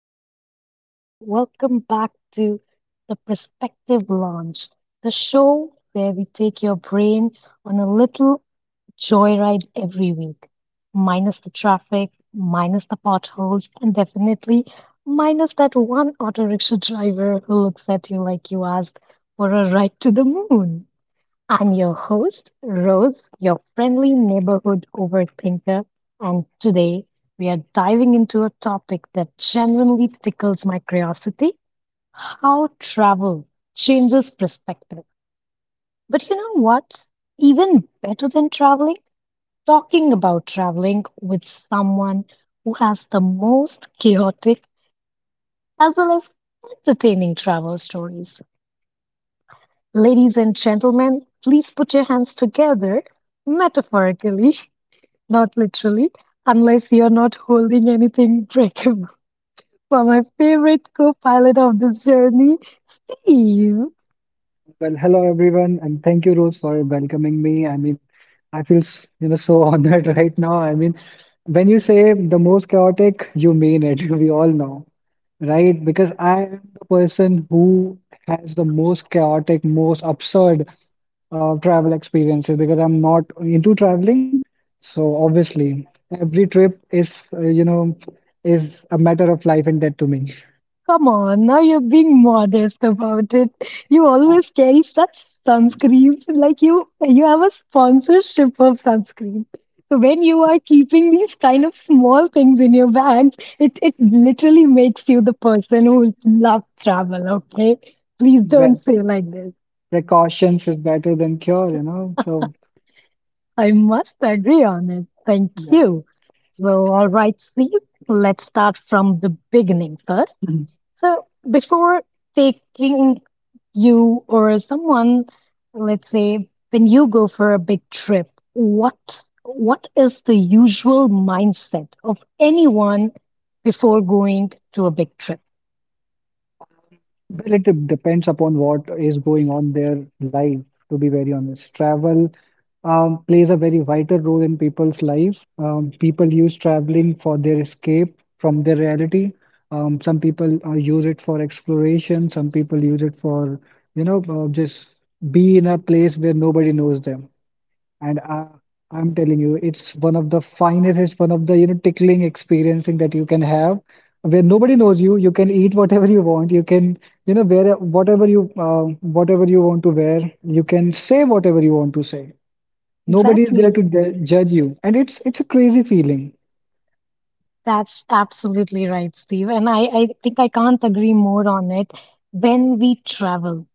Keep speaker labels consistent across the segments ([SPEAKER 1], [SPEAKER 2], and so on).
[SPEAKER 1] beautiful people. Welcome back to the Perspective Launch, the show where we take your brain on a little joyride every week, minus the traffic, minus the potholes, and definitely minus that one auto rickshaw driver who looks at you like you asked for a ride to the moon. I'm your host, Rose, your friendly neighborhood overthinker, and today we are diving into a topic that genuinely tickles my curiosity, how travel changes perspective. But you know what? Even better than traveling, talking about traveling with someone who has the most chaotic as well as entertaining travel stories. Ladies and gentlemen, please put your hands together, metaphorically. Not literally, unless you're not holding anything breakable. For my favorite co pilot of this journey, you.
[SPEAKER 2] Well, hello everyone, and thank you, Rose, for welcoming me. I mean, I feel so honored right now. I mean, when you say the most chaotic, you mean it. We all know, right? Because I am the person who has the most chaotic, most absurd travel experiences because I'm not into traveling. So obviously, every trip is you know is a matter of life and death to me.
[SPEAKER 1] Come on, now you're being modest about it. You always carry such sunscreens, like you have a sponsorship of sunscreen. So when you are keeping these kind of small things in your bags, it literally makes you the person who loves travel, okay? Please
[SPEAKER 2] Well,
[SPEAKER 1] don't say like this.
[SPEAKER 2] precautions is better than cure. So.
[SPEAKER 1] I must agree on it. Thank
[SPEAKER 2] Yeah.
[SPEAKER 1] you. So, all right, Steve, let's start from the beginning first.
[SPEAKER 2] Mhm.
[SPEAKER 1] So, before taking you or someone, let's say when you go for a big trip, what is the usual mindset of anyone before going to a big trip?
[SPEAKER 2] Well, it depends upon what is going on their life, to be very honest. Travel plays a very vital role in people's life. People use traveling for their escape from their reality. Some people use it for exploration. Some people use it for, just be in a place where nobody knows them. And I'm telling you, it's one of the finest, it's one of the, tickling experiencing that you can have, where nobody knows you. You can eat whatever you want. You can, wear whatever you want to wear. You can say whatever you want to say. Nobody is there to
[SPEAKER 1] Exactly.
[SPEAKER 2] judge you, and it's a crazy feeling.
[SPEAKER 1] That's absolutely right, Steve. And I think I can't agree more on it. When we travel,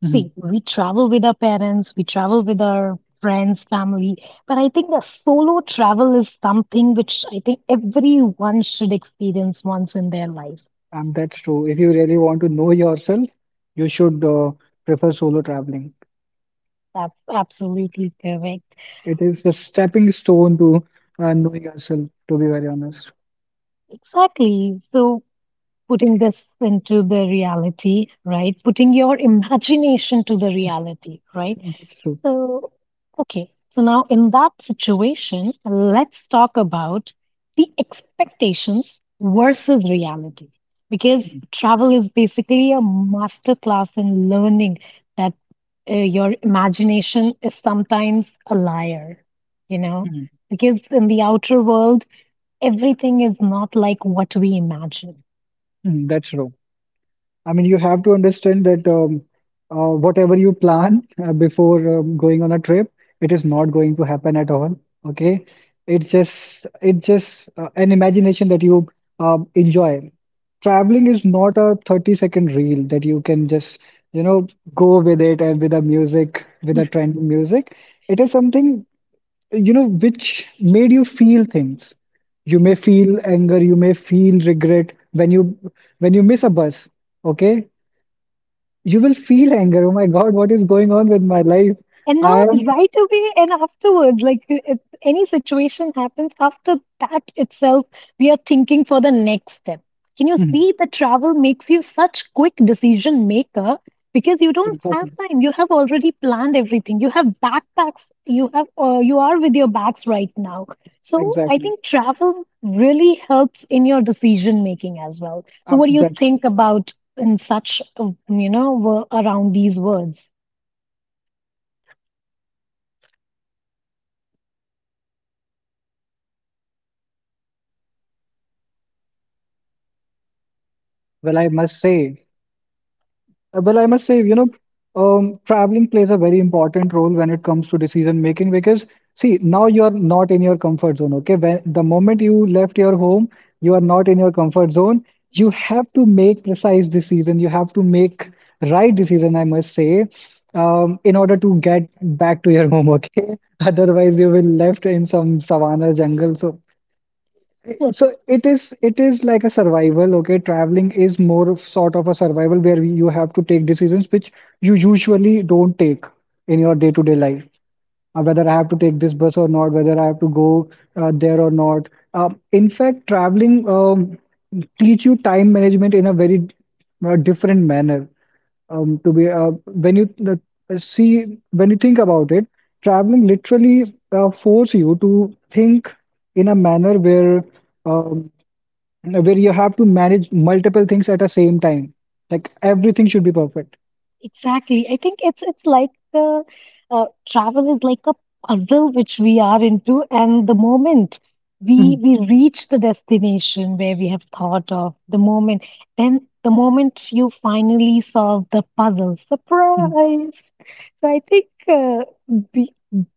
[SPEAKER 2] Mhm.
[SPEAKER 1] see, we travel with our parents, we travel with our friends, family, but I think the solo travel is something which I think everyone should experience once in their life.
[SPEAKER 2] That's true. If you really want to know yourself, you should prefer solo traveling.
[SPEAKER 1] That's absolutely correct.
[SPEAKER 2] It is a stepping stone to knowing yourself, to be very honest.
[SPEAKER 1] Exactly. So putting this into the reality, right? Putting your imagination to the reality, right?
[SPEAKER 2] That's true.
[SPEAKER 1] So, okay. So now in that situation, let's talk about the expectations versus reality. Because travel is basically a masterclass in learning that your imagination is sometimes a liar, you know? Because in the outer world, everything is not like what we imagine.
[SPEAKER 2] Mm. That's true. I mean, you have to understand that whatever you plan before going on a trip, it is not going to happen at all. Okay, it's just an imagination that you enjoy. Traveling is not a 30-second reel that you can just you know go with it and with a music with a trend music. It is something, which made you feel things. You may feel anger, you may feel regret when you miss a bus, okay? You will feel anger. Oh my God, what is going on with my life?
[SPEAKER 1] And
[SPEAKER 2] I
[SPEAKER 1] now,
[SPEAKER 2] am.
[SPEAKER 1] right away and afterwards, like if any situation happens after that itself, we are thinking for the next step. Can you
[SPEAKER 2] Mhm.
[SPEAKER 1] see that travel makes you such quick decision maker because you don't have
[SPEAKER 2] Exactly,
[SPEAKER 1] time. You have already planned everything. You have backpacks. You have you are with your bags right now. So I
[SPEAKER 2] exactly.
[SPEAKER 1] think travel really helps in your decision making as well. So what do you
[SPEAKER 2] That's
[SPEAKER 1] think about in such you know around these words?
[SPEAKER 2] well, I must say. Well, I must say, traveling plays a very important role when it comes to decision making because, see, now you are not in your comfort zone, okay? When the moment you left your home, you are not in your comfort zone. You have to make precise decision. You have to make right decision, I must say, in order to get back to your home, okay? Otherwise, you will left in some savanna jungle. So it is like a survival, okay? Traveling is more of sort of a survival where you have to take decisions which you usually don't take in your day-to-day life. Whether I have to take this bus or not, whether I have to go there or not. In fact, traveling teach you time management in a very different manner. To be when you see when you think about it, traveling literally force you to think in a manner um, where you have to manage multiple things at the same time. Like everything should be perfect.
[SPEAKER 1] Exactly. I think it's like the travel is like a puzzle which we are into, and the moment we
[SPEAKER 2] Mhm.
[SPEAKER 1] we reach the destination where we have thought of, the moment, then the moment you finally solve the puzzle,
[SPEAKER 2] Mhm.
[SPEAKER 1] surprise. So I think the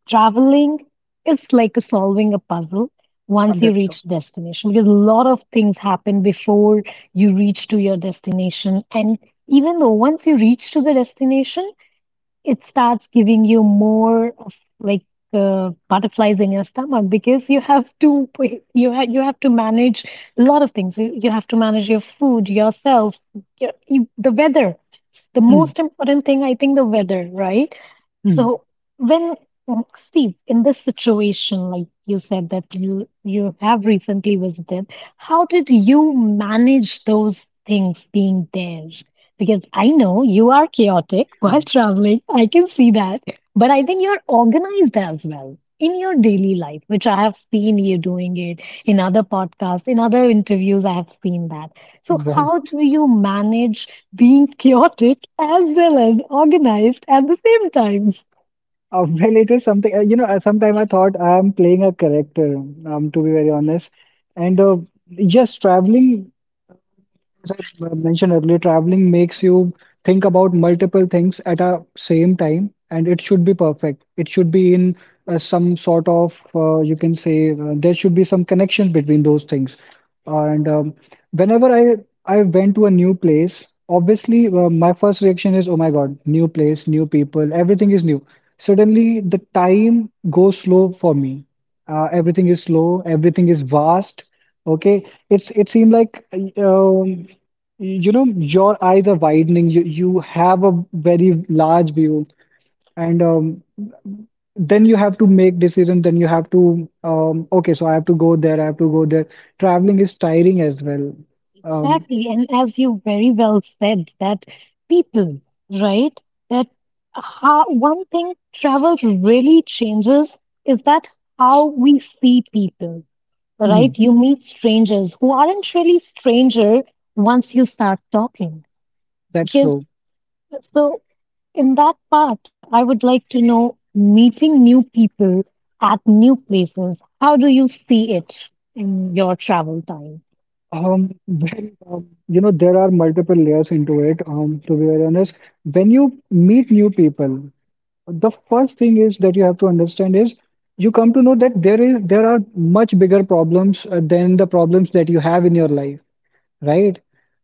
[SPEAKER 1] traveling is like a solving a puzzle once
[SPEAKER 2] And
[SPEAKER 1] you
[SPEAKER 2] that's all.
[SPEAKER 1] reach destination because a lot of things happen before you reach to your destination and even though once you reach to the destination, it starts giving you more of like butterflies in your stomach because you have to you have to manage a lot of things. You have to manage your food, yourself, the weather. The
[SPEAKER 2] Mhm.
[SPEAKER 1] most important thing, I think, the weather, right?
[SPEAKER 2] Mhm.
[SPEAKER 1] So when Steve, in this situation, like you said that you have recently visited, how did you manage those things being there? Because I know you are chaotic while traveling. I can see that. But I think you're organized as well in your daily life, which I have seen you doing it in other podcasts, in other interviews, I have seen that. So
[SPEAKER 2] Well,
[SPEAKER 1] how do you manage being chaotic as well as organized at the same time.
[SPEAKER 2] it is something, sometime I thought I'm playing a character, to be very honest. And yes, traveling. As I mentioned earlier, traveling makes you think about multiple things at a same time, and it should be perfect. It should be in some sort of, you can say, there should be some connection between those things. And whenever I went to a new place, obviously my first reaction is, oh my God, new place, new people, everything is new. Suddenly, the time goes slow for me. Everything is slow, everything is vast. Okay, it seemed like you know your eyes are widening. You have a very large view, and then you have to make decisions. Then you have to, okay, so I have to go there. Traveling is tiring as well. um,
[SPEAKER 1] Exactly. And as you very well said, that people, right? That how one thing travel really changes is that how we see people, right?
[SPEAKER 2] mhm,
[SPEAKER 1] You meet strangers who aren't really stranger once you start talking.
[SPEAKER 2] That's
[SPEAKER 1] Because
[SPEAKER 2] true.
[SPEAKER 1] so in that part, I would like to know meeting new people at new places. How do you see it in your travel time?
[SPEAKER 2] Um, when, um, you know there are multiple layers into it, to be very honest. When you meet new people, the first thing is that you have to understand is you come to know that there are much bigger problems than the problems that you have in your life, right?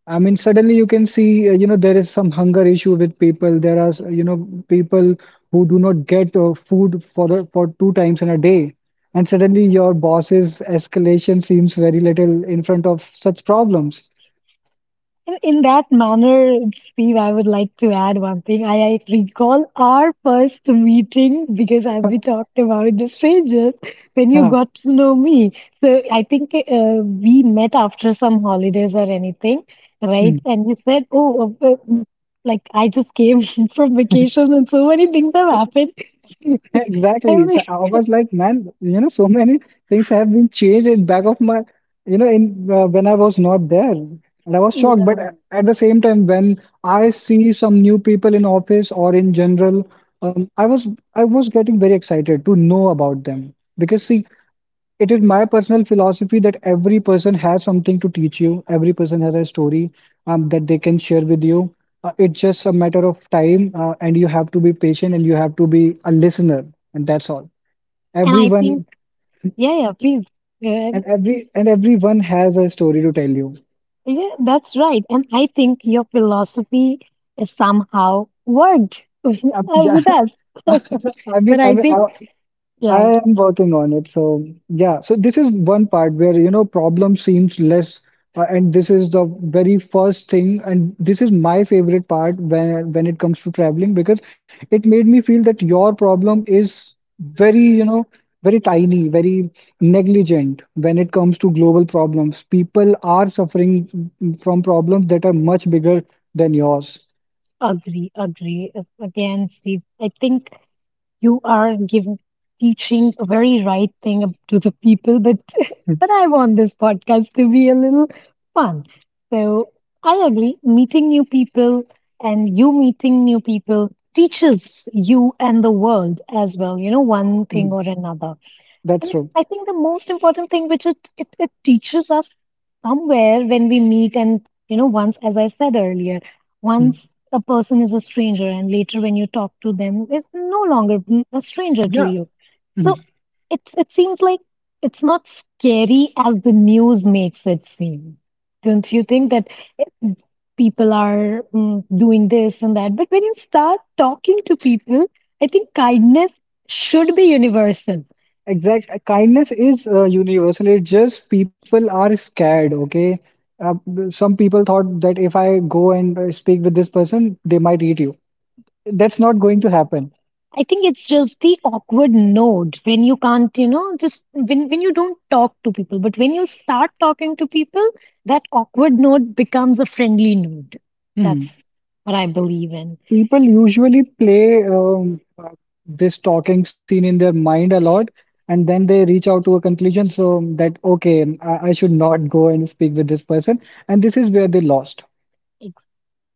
[SPEAKER 2] I mean, suddenly you can see, there is some hunger issue with people. There are, people who do not get food for for two times in a day, and suddenly your boss's escalation seems very little in front of such problems.
[SPEAKER 1] In that manner, Steve, I would like to add one thing. I recall our first meeting because, as we talked about the strangers, when you
[SPEAKER 2] Yeah.
[SPEAKER 1] got to know me. So I think we met after some holidays or anything, right? And you said, "Oh, uh, like I just came from vacation and so many things have happened." I
[SPEAKER 2] Exactly.
[SPEAKER 1] mean,
[SPEAKER 2] So I was like, man, so many things have been changed in back of my, you know, in when I was not there, and I was shocked. But
[SPEAKER 1] yeah.
[SPEAKER 2] at the same time, when I see some new people in office or in general, um, I was I was getting very excited to know about them because see, it is my personal philosophy that every person has something to teach you. Every person has a story that they can share with you. It's just a matter of time, and you have to be patient and you have to be a listener, and that's all.
[SPEAKER 1] And I think,
[SPEAKER 2] Everyone
[SPEAKER 1] yeah, please. Uh,
[SPEAKER 2] and every and everyone has a story to tell you.
[SPEAKER 1] Yeah, that's right. And I think your philosophy is somehow worked
[SPEAKER 2] Yeah,
[SPEAKER 1] with us.
[SPEAKER 2] I mean,
[SPEAKER 1] But
[SPEAKER 2] I
[SPEAKER 1] I
[SPEAKER 2] mean,
[SPEAKER 1] think,
[SPEAKER 2] I
[SPEAKER 1] yeah,
[SPEAKER 2] am working on it. So yeah, so this is one part where problem seems less, and this is the very first thing, and this is my favorite part when it comes to traveling because it made me feel that your problem is very very tiny, very negligent when it comes to global problems. People are suffering from problems that are much bigger than yours.
[SPEAKER 1] agree, agree. Again, Steve, I think you are giving teaching a very right thing up to the people, but but I want this podcast to be a little fun. So I agree, meeting new people and you meeting new people teaches you and the world as well, you know, one thing
[SPEAKER 2] Mhm.
[SPEAKER 1] or another.
[SPEAKER 2] That's
[SPEAKER 1] And
[SPEAKER 2] true.
[SPEAKER 1] I think the most important thing which it teaches us somewhere when we meet, and you know, once, as I said earlier,
[SPEAKER 2] Mhm.
[SPEAKER 1] once a person is a stranger, and later when you talk to them, is no longer a stranger to
[SPEAKER 2] Yeah.
[SPEAKER 1] you.
[SPEAKER 2] Hmm.
[SPEAKER 1] So it seems like it's not scary as the news makes it seem. Don't you think that it- people are doing this and that? But when you start talking to people, I think kindness should be universal.
[SPEAKER 2] Exact kindness is universal. It's just people are scared, okay? Some people thought that if I go and speak with this person, they might eat you. That's not going to happen.
[SPEAKER 1] I think it's just the awkward node when you can't, you know, just when you don't talk to people. But when you start talking to people, that awkward node becomes a friendly node.
[SPEAKER 2] Mhm.
[SPEAKER 1] That's what I believe in.
[SPEAKER 2] People usually play this talking scene in their mind a lot, and then they reach out to a conclusion so that, okay, I should not go and speak with this person. And this is where they lost.
[SPEAKER 1] It-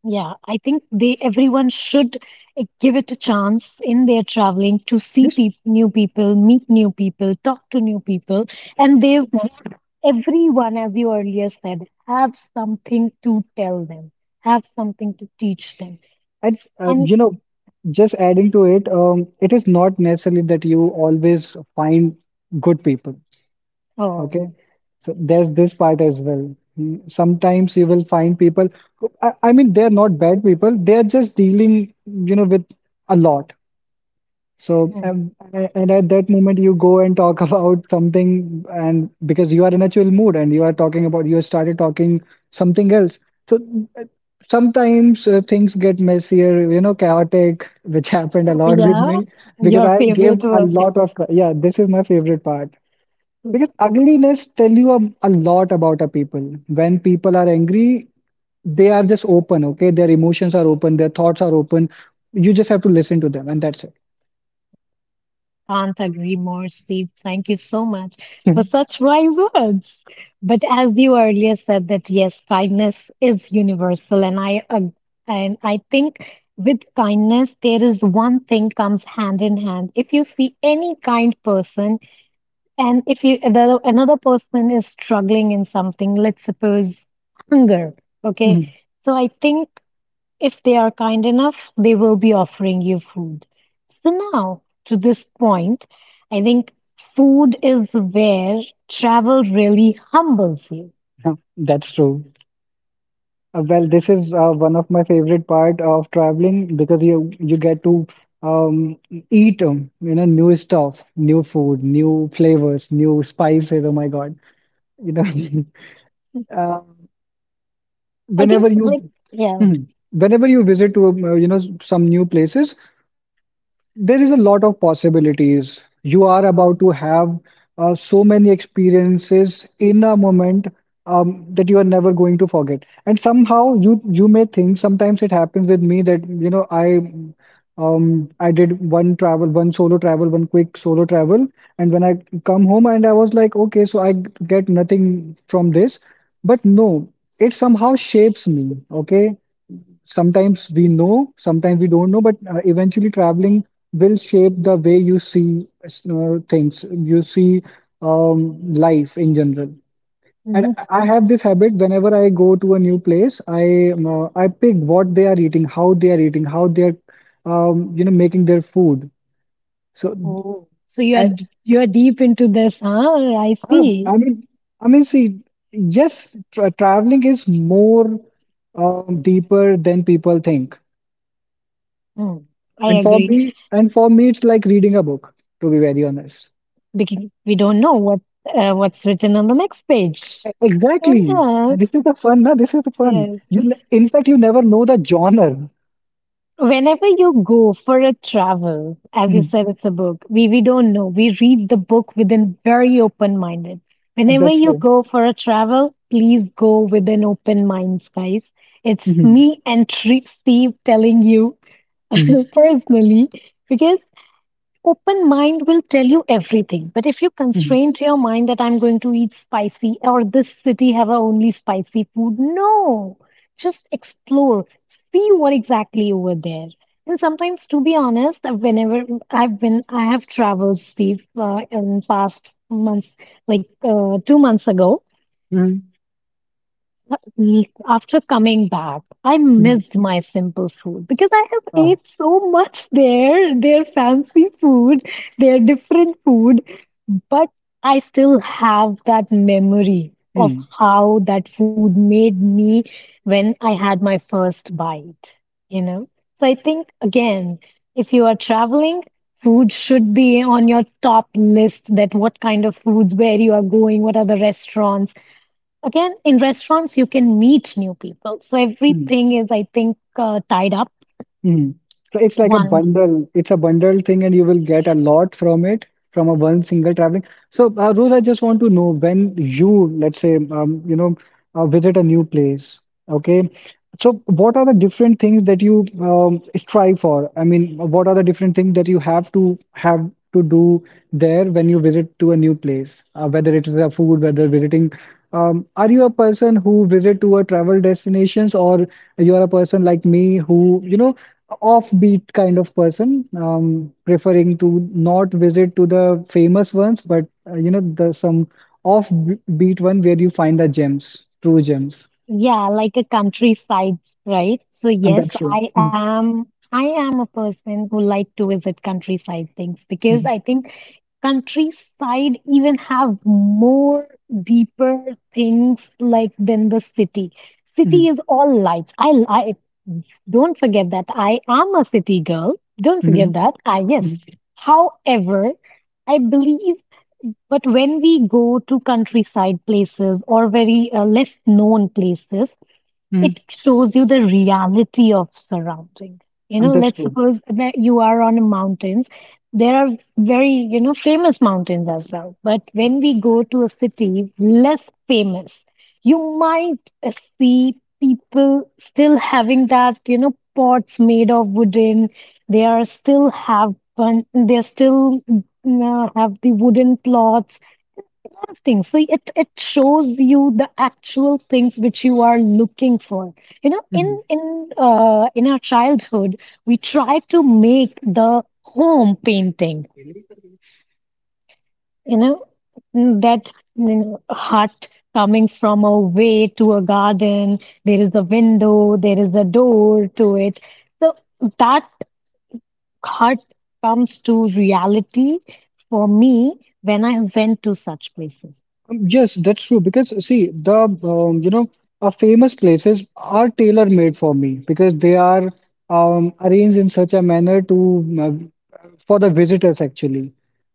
[SPEAKER 1] yeah, I think they everyone should give it a chance in their traveling to see peop new people, meet new people, talk to new people, and everyone, as you earlier said, have something to tell them, have something to teach them.
[SPEAKER 2] And
[SPEAKER 1] And
[SPEAKER 2] just adding to it, it is not necessarily that you always find good people.
[SPEAKER 1] oh,
[SPEAKER 2] Okay, so there's this part as well. Mm. Sometimes you will find people I mean, they're not bad people. They're just dealing, with a lot. So,
[SPEAKER 1] mm.
[SPEAKER 2] and at that moment, you go and talk about something, and because you are in a chill mood and you are talking about, you started talking something else. So, uh, sometimes things get messier, chaotic, which happened a
[SPEAKER 1] Oh
[SPEAKER 2] lot with
[SPEAKER 1] yeah,
[SPEAKER 2] me because
[SPEAKER 1] your
[SPEAKER 2] I gave
[SPEAKER 1] favorite
[SPEAKER 2] a
[SPEAKER 1] word.
[SPEAKER 2] lot of, yeah, this is my favorite part. Because ugliness tell you a lot about a people. When people are angry, they are just open, okay? Their emotions are open, their thoughts are open. You just have to listen to them, and that's
[SPEAKER 1] Can't agree more, Steve. Thank you so much
[SPEAKER 2] it.
[SPEAKER 1] for such wise words. But as you earlier said that yes, kindness is universal, and and I think with kindness there is one thing comes hand in hand. If you see any kind person, and if another person is struggling in something, let's suppose hunger. Okay, so I think. If they are kind enough, they will be offering you food. So, now to this point, I think food is where travel really humbles you.
[SPEAKER 2] That's true. Well, this is one of my favorite part of traveling because you get to um, eat new stuff, new food, new flavors, new spices. Oh my God, you know uh,
[SPEAKER 1] I think,
[SPEAKER 2] whenever
[SPEAKER 1] like,
[SPEAKER 2] you
[SPEAKER 1] yeah.
[SPEAKER 2] hmm, whenever you visit to some new places, there is a lot of possibilities. You are about to have so many experiences in a moment that you are never going to forget. And somehow you may think sometimes it happens with me that I did one travel, one solo travel, one quick solo travel, and when I come home and I was like, okay, so I get nothing from this. But no, it somehow shapes me. Okay, sometimes we know, sometimes we don't know, but eventually traveling will shape the way you see things, you see life in general. And
[SPEAKER 1] Mhm.
[SPEAKER 2] I have this habit whenever I go to a new place, I pick what they are eating, how they are eating, how they are making their food. So
[SPEAKER 1] Oh, so you are
[SPEAKER 2] and
[SPEAKER 1] you are deep into this, huh? I see.
[SPEAKER 2] I mean see, yes, traveling is more deeper than people think.
[SPEAKER 1] Hmm. I
[SPEAKER 2] And for
[SPEAKER 1] agree.
[SPEAKER 2] me, and for me, it's like reading a book, to be very honest.
[SPEAKER 1] Because we don't know what what's written on the next page.
[SPEAKER 2] Exactly. And this
[SPEAKER 1] Yeah,
[SPEAKER 2] is the fun, na? This is the fun.
[SPEAKER 1] yes.
[SPEAKER 2] In fact, you never know the genre.
[SPEAKER 1] Whenever you go for a travel, as you
[SPEAKER 2] Mhm.
[SPEAKER 1] said, it's a book. We don't know. We read the book within very open minded. Whenever
[SPEAKER 2] That's
[SPEAKER 1] you
[SPEAKER 2] true.
[SPEAKER 1] go for a travel, please go with an open mind, guys. It's
[SPEAKER 2] Mhm.
[SPEAKER 1] me and Steve telling you
[SPEAKER 2] Mhm.
[SPEAKER 1] personally, because open mind will tell you everything, but if you
[SPEAKER 2] Mhm.
[SPEAKER 1] constrain to your mind that I'm going to eat spicy or this city have a only spicy food, no. Just explore, see what exactly you were there. And sometimes, to be honest, whenever I have traveled, Steve, in past months, like 2 months ago
[SPEAKER 2] Mhm.
[SPEAKER 1] week after coming back, I
[SPEAKER 2] Mhm.
[SPEAKER 1] missed my simple food because I have
[SPEAKER 2] Ah.
[SPEAKER 1] ate so much there, their fancy food, their different food, but I still have that memory of
[SPEAKER 2] Mhm.
[SPEAKER 1] how that food made me when I had my first bite, you know? So I think, again, if you are traveling, food should be on your top list that what kind of foods, where you are going, what are the restaurants. Again, in restaurants, you can meet new people. So
[SPEAKER 2] Mhm.
[SPEAKER 1] everything is, I think, tied up.
[SPEAKER 2] Mhm. So it's like a
[SPEAKER 1] One.
[SPEAKER 2] bundle. It's a bundle thing, and you will get a lot from it from a one single traveling. So, Rohit, I just want to know when you, let's say, visit a new place, okay? So, what are the different things that you strive for? I mean, what are the different things that you have to do there when you visit to a new place? Whether it is a food, whether visiting, are you a person who visit to a travel destinations, or you are a person like me who, you know? Offbeat kind of person, preferring to not visit to the famous ones, but you know the some offbeat one where you find the gems, true gems.
[SPEAKER 1] Yeah, like a countryside, right? So yes,
[SPEAKER 2] That's true. Mhm,
[SPEAKER 1] I am a person who like to visit countryside things because
[SPEAKER 2] mhm,
[SPEAKER 1] I think countryside even have more deeper things like than the city. City
[SPEAKER 2] mhm,
[SPEAKER 1] is all lights. I don't forget that I am a city girl. Don't forget
[SPEAKER 2] mhm,
[SPEAKER 1] that. I yes.
[SPEAKER 2] mhm,
[SPEAKER 1] However, I believe but when we go to countryside places or very less known places,
[SPEAKER 2] mhm.
[SPEAKER 1] it shows you the reality of surrounding, you know,
[SPEAKER 2] That's
[SPEAKER 1] let's
[SPEAKER 2] true.
[SPEAKER 1] suppose that you are on mountains, there are very you know famous mountains as well but when we go to a city less famous you might see people still having that you know pots made of wooden, they are still have the wooden plots those things. So it shows you the actual things which you are looking for. You know, in our childhood, we try to make the home painting.
[SPEAKER 2] Mhm.
[SPEAKER 1] You know, that you know, hut coming from a way to a garden. There is a window. There is a door to it. So that hut comes to reality for me when I went to such places.
[SPEAKER 2] Yes, that's true. Because see, the you know, famous places are tailor-made for me because they are arranged in such a manner to for the visitors actually.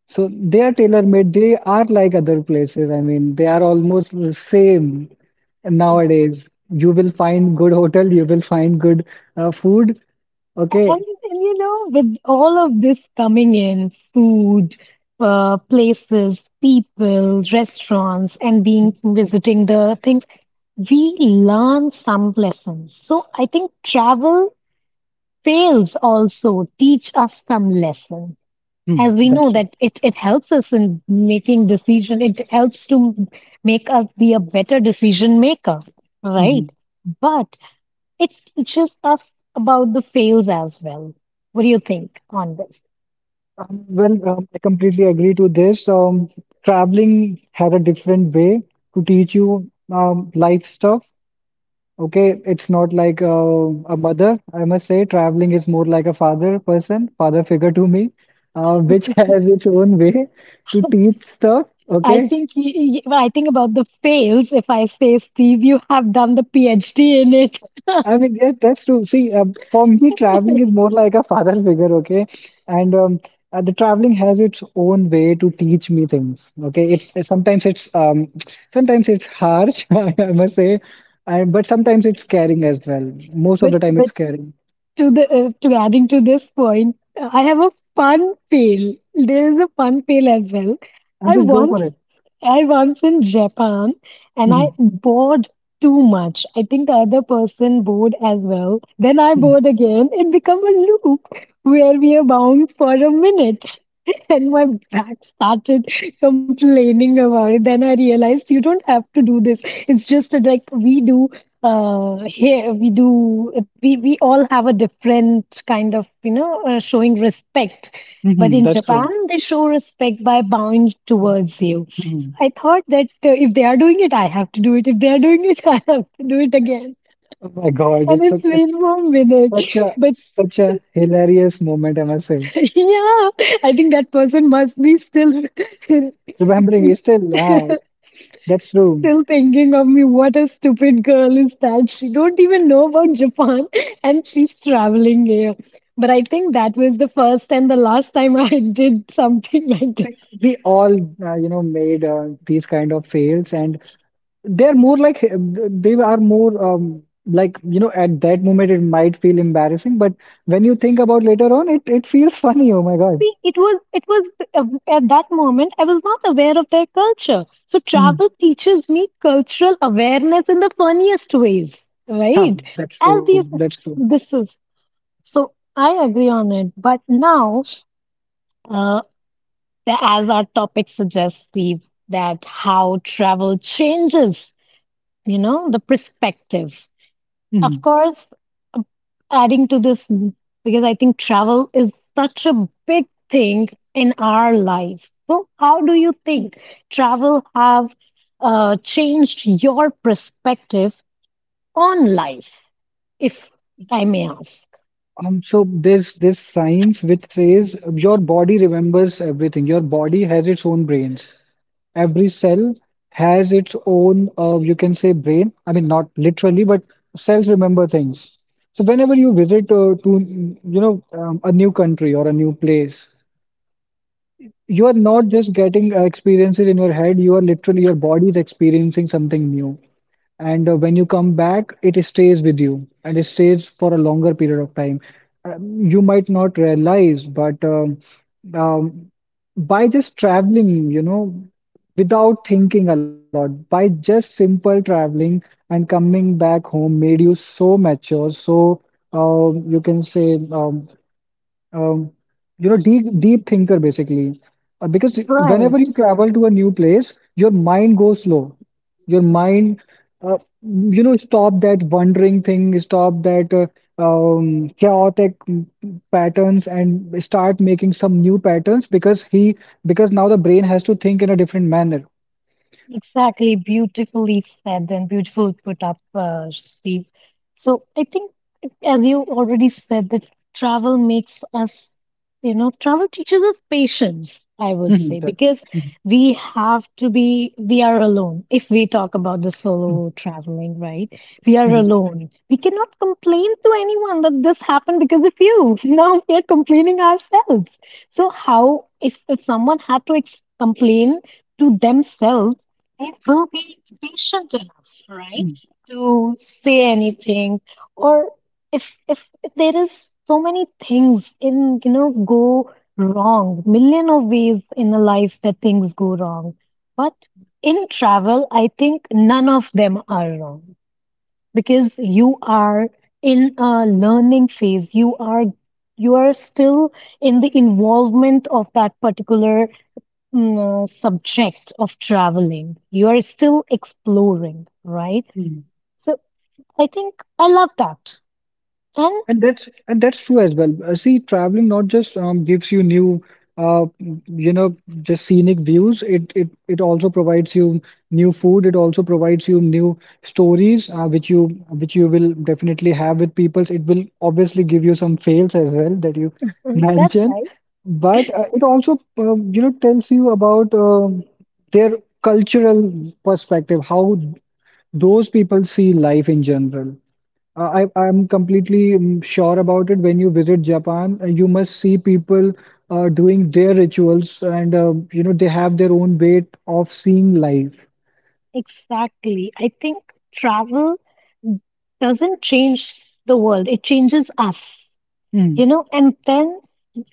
[SPEAKER 2] So they are tailor-made. They are like other places. I mean, they are almost the same nowadays. You will find good hotel. You will find good food.
[SPEAKER 1] And,
[SPEAKER 2] Okay,
[SPEAKER 1] and you know, with all of this coming in, food, places, people, restaurants, and being visiting the things, we learn some lessons. So I think travel fails also teach us some lesson.
[SPEAKER 2] hmm,
[SPEAKER 1] As we
[SPEAKER 2] that's
[SPEAKER 1] know
[SPEAKER 2] true.
[SPEAKER 1] that it helps us in making decision, it helps to make us be a better decision maker, right?
[SPEAKER 2] Mm-hmm.
[SPEAKER 1] But it teaches us about the fails as well. What do you think on this?
[SPEAKER 2] Well, I completely agree to this. Traveling had a different way to teach you life stuff. Okay, it's not like a mother, I must say. Traveling is more like a father person, father figure to me, which has its own way to teach stuff.
[SPEAKER 1] I
[SPEAKER 2] Okay,
[SPEAKER 1] think I think about the fails. If I say, Steve, you have done the PhD in it,
[SPEAKER 2] I mean, yeah, that's true. See, for me, traveling is more like a father figure, okay? And the traveling has its own way to teach me things, okay? It's sometimes it's sometimes it's harsh, I must say, and but sometimes it's caring as well. Most of
[SPEAKER 1] but
[SPEAKER 2] the time,
[SPEAKER 1] but
[SPEAKER 2] it's caring.
[SPEAKER 1] to the to adding to this point, I have a fun fail. There is a fun fail as well.
[SPEAKER 2] And
[SPEAKER 1] I
[SPEAKER 2] just go
[SPEAKER 1] once
[SPEAKER 2] for it.
[SPEAKER 1] I once in Japan and I
[SPEAKER 2] Mhm,
[SPEAKER 1] bored too much. I think the other person bored as well. Then I
[SPEAKER 2] mhm,
[SPEAKER 1] bored again. It become a loop where we are bound for a minute. And my back started complaining about it. Then I realized you don't have to do this. It's just that, like we do here, we all have a different kind of, you know, showing respect. But
[SPEAKER 2] mhm,
[SPEAKER 1] in
[SPEAKER 2] that's
[SPEAKER 1] Japan,
[SPEAKER 2] true.
[SPEAKER 1] they show respect by bowing towards you.
[SPEAKER 2] Mhm.
[SPEAKER 1] I thought that if they are doing it, I have to do it. If they are doing it, I have to do it again.
[SPEAKER 2] Oh my God,
[SPEAKER 1] And
[SPEAKER 2] it's
[SPEAKER 1] it's
[SPEAKER 2] such- it's
[SPEAKER 1] been 1 minute.
[SPEAKER 2] such a
[SPEAKER 1] But
[SPEAKER 2] hilarious moment, I must say.
[SPEAKER 1] yeah, I think that person must be still
[SPEAKER 2] Remembering is still, ah, that's true.
[SPEAKER 1] still thinking of me. What a stupid girl is that? She don't even know about Japan and she's traveling here. But I think that was the first and the last time I did something like this.
[SPEAKER 2] See, we all, you know, made these kind of fails, and they are more like you know, at that moment it might feel embarrassing, but when you think about later on, it feels funny. Oh my God,
[SPEAKER 1] See, it was uh, at that moment I was not aware of their culture. So
[SPEAKER 2] mhm.
[SPEAKER 1] travel teaches me cultural awareness in the funniest ways,
[SPEAKER 2] Yeah,
[SPEAKER 1] right?
[SPEAKER 2] that's true.
[SPEAKER 1] As
[SPEAKER 2] That's
[SPEAKER 1] if
[SPEAKER 2] true.
[SPEAKER 1] this is so I agree on it. But now, uh, that as our topic suggests, Steve, that how travel changes, you know, the perspective.
[SPEAKER 2] Mhm.
[SPEAKER 1] Of course, um, adding to this, because I think travel is such a big thing in our life. So, how do you think travel have changed your perspective on life, if I may ask?
[SPEAKER 2] So there's this science which says your body remembers everything. Your body has its own brains. Every cell has its own, you can say, brain. I mean, not literally, but cells remember things. So whenever you visit to, you know, a new country or a new place, you are not just getting experiences in your head. You are literally your body is experiencing something new and when you come back it stays with you and it stays for a longer period of time, you might not realize but um, by just traveling you know without thinking a lot by just simple traveling and coming back home made you so mature so you can say um, you know, deep thinker basically. Because whenever you
[SPEAKER 1] Right.
[SPEAKER 2] travel to a new place, your mind goes slow. Your mind, uh, you know, stop that wandering thing, stop that chaotic patterns, and start making some new patterns because now the brain has to think in a different manner.
[SPEAKER 1] Exactly, beautifully said and beautiful put up, Steve. So I think, as you already said, that travel makes us, you know, travel teaches us patience, I would
[SPEAKER 2] Mhm,
[SPEAKER 1] say,
[SPEAKER 2] that-
[SPEAKER 1] because
[SPEAKER 2] mhm.
[SPEAKER 1] we have to be, we are alone. If we talk about the solo traveling, right? We are
[SPEAKER 2] mhm,
[SPEAKER 1] alone. We cannot complain to anyone that this happened because of you. Now we are complaining ourselves. So how, if someone had to ex complain to themselves, they will be patient enough, right,
[SPEAKER 2] mhm,
[SPEAKER 1] to say anything. Or if there is so many things in you know go wrong, million of ways in a life that things go wrong. But in travel, I think none of them are wrong because you are in a learning phase. You are still in the involvement of that particular subject of traveling. You are still exploring, right?
[SPEAKER 2] mhm,
[SPEAKER 1] So I think I love that. And
[SPEAKER 2] and that's true as well. See, traveling not just gives you new, uh, you know, just scenic views. It also provides you new food. It also provides you new stories, which you will definitely have with people. It will obviously give you some fails as well that you
[SPEAKER 1] that's
[SPEAKER 2] mentioned,
[SPEAKER 1] right.
[SPEAKER 2] but it also you know tells you about their cultural perspective, how those people see life in general. I'm completely mm, sure about it. When you visit Japan, you must see people doing their rituals, and you know they have their own way of seeing life.
[SPEAKER 1] Exactly. I think travel doesn't change the world, it changes us, you
[SPEAKER 2] Hmm.
[SPEAKER 1] know, and then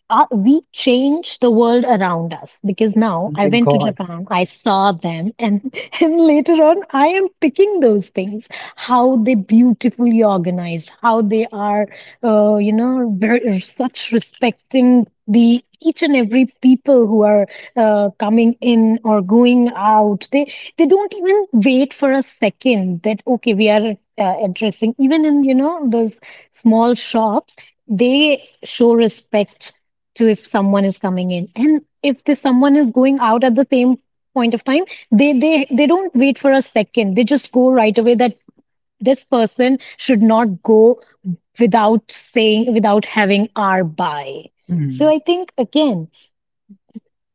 [SPEAKER 1] we change the world around us because now
[SPEAKER 2] Oh
[SPEAKER 1] I
[SPEAKER 2] my
[SPEAKER 1] went to
[SPEAKER 2] God.
[SPEAKER 1] Japan, I saw them, and, and later on, I am picking those things how they beautifully organized, how they are, you know, very, such respecting the each and every people who are coming in or going out, they don't even wait for a second that okay, we are addressing even in you know those small shops, they show respect to if someone is coming in and if this someone is going out at the same point of time, they don't wait for a second, they just go right away that this person should not go without saying, without having our buy. So
[SPEAKER 2] Hmm.
[SPEAKER 1] I think again,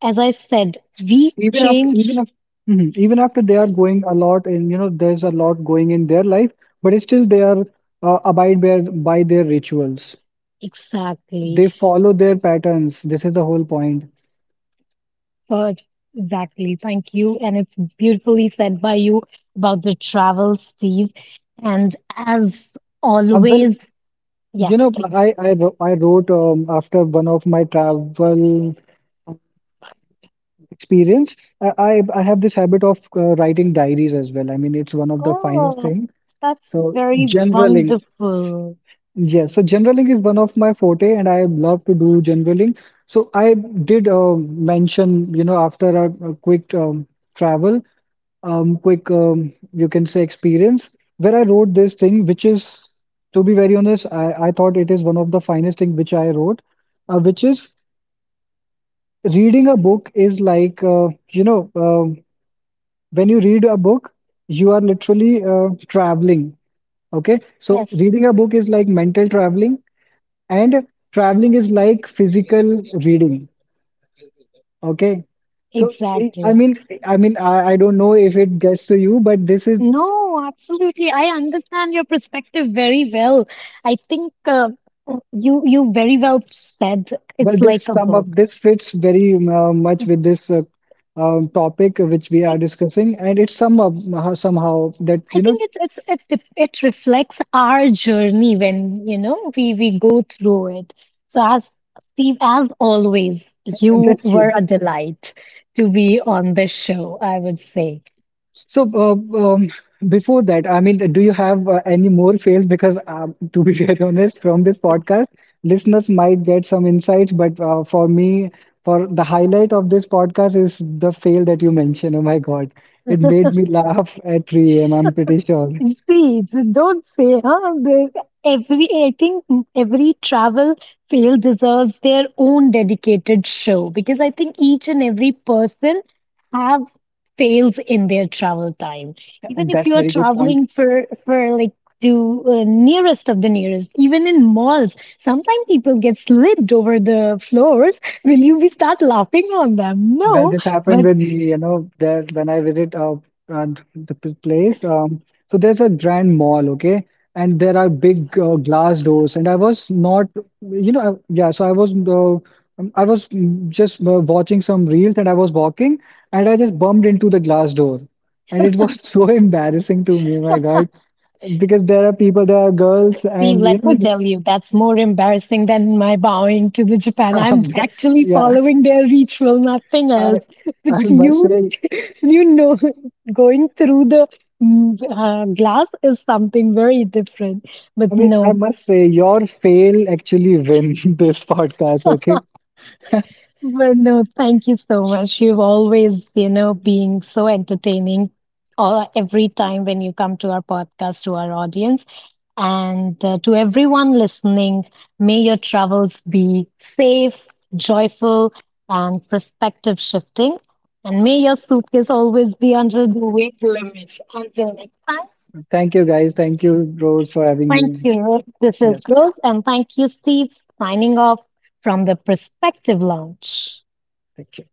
[SPEAKER 1] as I said, we
[SPEAKER 2] Even after,
[SPEAKER 1] change
[SPEAKER 2] even after, hmm, even after they are going a lot, and you know there's a lot going in their life, but still they are abide by their rituals.
[SPEAKER 1] exactly.
[SPEAKER 2] They follow their patterns. This is the whole point.
[SPEAKER 1] uh, exactly, thank you, and it's beautifully said by you about the travel, Steve, and as
[SPEAKER 2] Well,
[SPEAKER 1] always. Yeah,
[SPEAKER 2] you know,
[SPEAKER 1] please.
[SPEAKER 2] I wrote after one of my travel experience, uh, i I have this habit of writing diaries as well. I mean, it's one of the finest
[SPEAKER 1] Oh,
[SPEAKER 2] thing.
[SPEAKER 1] that's
[SPEAKER 2] So
[SPEAKER 1] very
[SPEAKER 2] generaling,
[SPEAKER 1] wonderful.
[SPEAKER 2] yes, so generaling is one of my forte and I love to do generaling. So I did mention you know after a quick travel, quick you can say, experience where I wrote this thing which is, to be very honest, I thought it is one of the finest thing which I wrote, which is reading a book is like you know uh, when you read a book you are literally traveling. Okay, so
[SPEAKER 1] Yes,
[SPEAKER 2] reading a book is like mental traveling, and traveling is like physical reading, okay? so i I
[SPEAKER 1] exactly.
[SPEAKER 2] mean I don't know if it gets to you, but this, is
[SPEAKER 1] No, absolutely. I understand your perspective very well. I think you you very well said
[SPEAKER 2] but
[SPEAKER 1] it's
[SPEAKER 2] this
[SPEAKER 1] like a
[SPEAKER 2] sum up,
[SPEAKER 1] book.
[SPEAKER 2] this fits very much with this topic which we are
[SPEAKER 1] It,
[SPEAKER 2] discussing and it's sum up somehow that
[SPEAKER 1] I
[SPEAKER 2] you know,
[SPEAKER 1] think it reflects our journey when you know we go through it. So as Steve, as always,
[SPEAKER 2] and
[SPEAKER 1] you
[SPEAKER 2] that's
[SPEAKER 1] were
[SPEAKER 2] true.
[SPEAKER 1] a delight to be on this show, I would say.
[SPEAKER 2] So, before that, I mean, do you have any more fails? Because, to be very honest, from this podcast, listeners might get some insights, but for me, for the highlight of this podcast is the fail that you mentioned. Oh my God, it made me laugh at 3 a.m. I'm pretty sure,
[SPEAKER 1] Please don't say, huh? There's every, I think every travel fail deserves their own dedicated show because I think each and every person have fails in their travel time. Even
[SPEAKER 2] and
[SPEAKER 1] if
[SPEAKER 2] that's
[SPEAKER 1] you are
[SPEAKER 2] very good point.
[SPEAKER 1] traveling for like to nearest of the nearest, even in malls, sometimes people get slipped over the floors. Will you be start laughing on them?
[SPEAKER 2] Well,
[SPEAKER 1] No,
[SPEAKER 2] this happened
[SPEAKER 1] but.
[SPEAKER 2] with me, you know, there when I visit uh place. So there's a grand mall, okay, and there are big glass doors, and I was not, you know, yeah. So I was mm, just watching some reels, and I was walking, and I just bumped into the glass door, and it was so embarrassing to me, my God, because there are people, there are girls,
[SPEAKER 1] See,
[SPEAKER 2] and you
[SPEAKER 1] let me
[SPEAKER 2] know,
[SPEAKER 1] tell you, that's more embarrassing than my bowing to the Japan. I'm actually
[SPEAKER 2] yeah,
[SPEAKER 1] following their ritual, nothing
[SPEAKER 2] I
[SPEAKER 1] else. But
[SPEAKER 2] I must
[SPEAKER 1] you,
[SPEAKER 2] say.
[SPEAKER 1] you know, going through the glass is something very different.
[SPEAKER 2] I
[SPEAKER 1] But
[SPEAKER 2] mean, I
[SPEAKER 1] no.
[SPEAKER 2] must say, your fail actually win this podcast, okay?
[SPEAKER 1] Well, no, thank you so much. You've always, you know, being so entertaining all, every time when you come to our podcast, to our audience. And to everyone listening, may your travels be safe, joyful, and perspective shifting. And may your suitcase always be under the weight limit. Until next time,
[SPEAKER 2] Thank you, guys. Thank you, Rose, for having
[SPEAKER 1] thank
[SPEAKER 2] me.
[SPEAKER 1] you. Ruth. This
[SPEAKER 2] Yeah,
[SPEAKER 1] is Girls, and thank you, Steve, signing off from the Perspective Lounge.
[SPEAKER 2] thank you.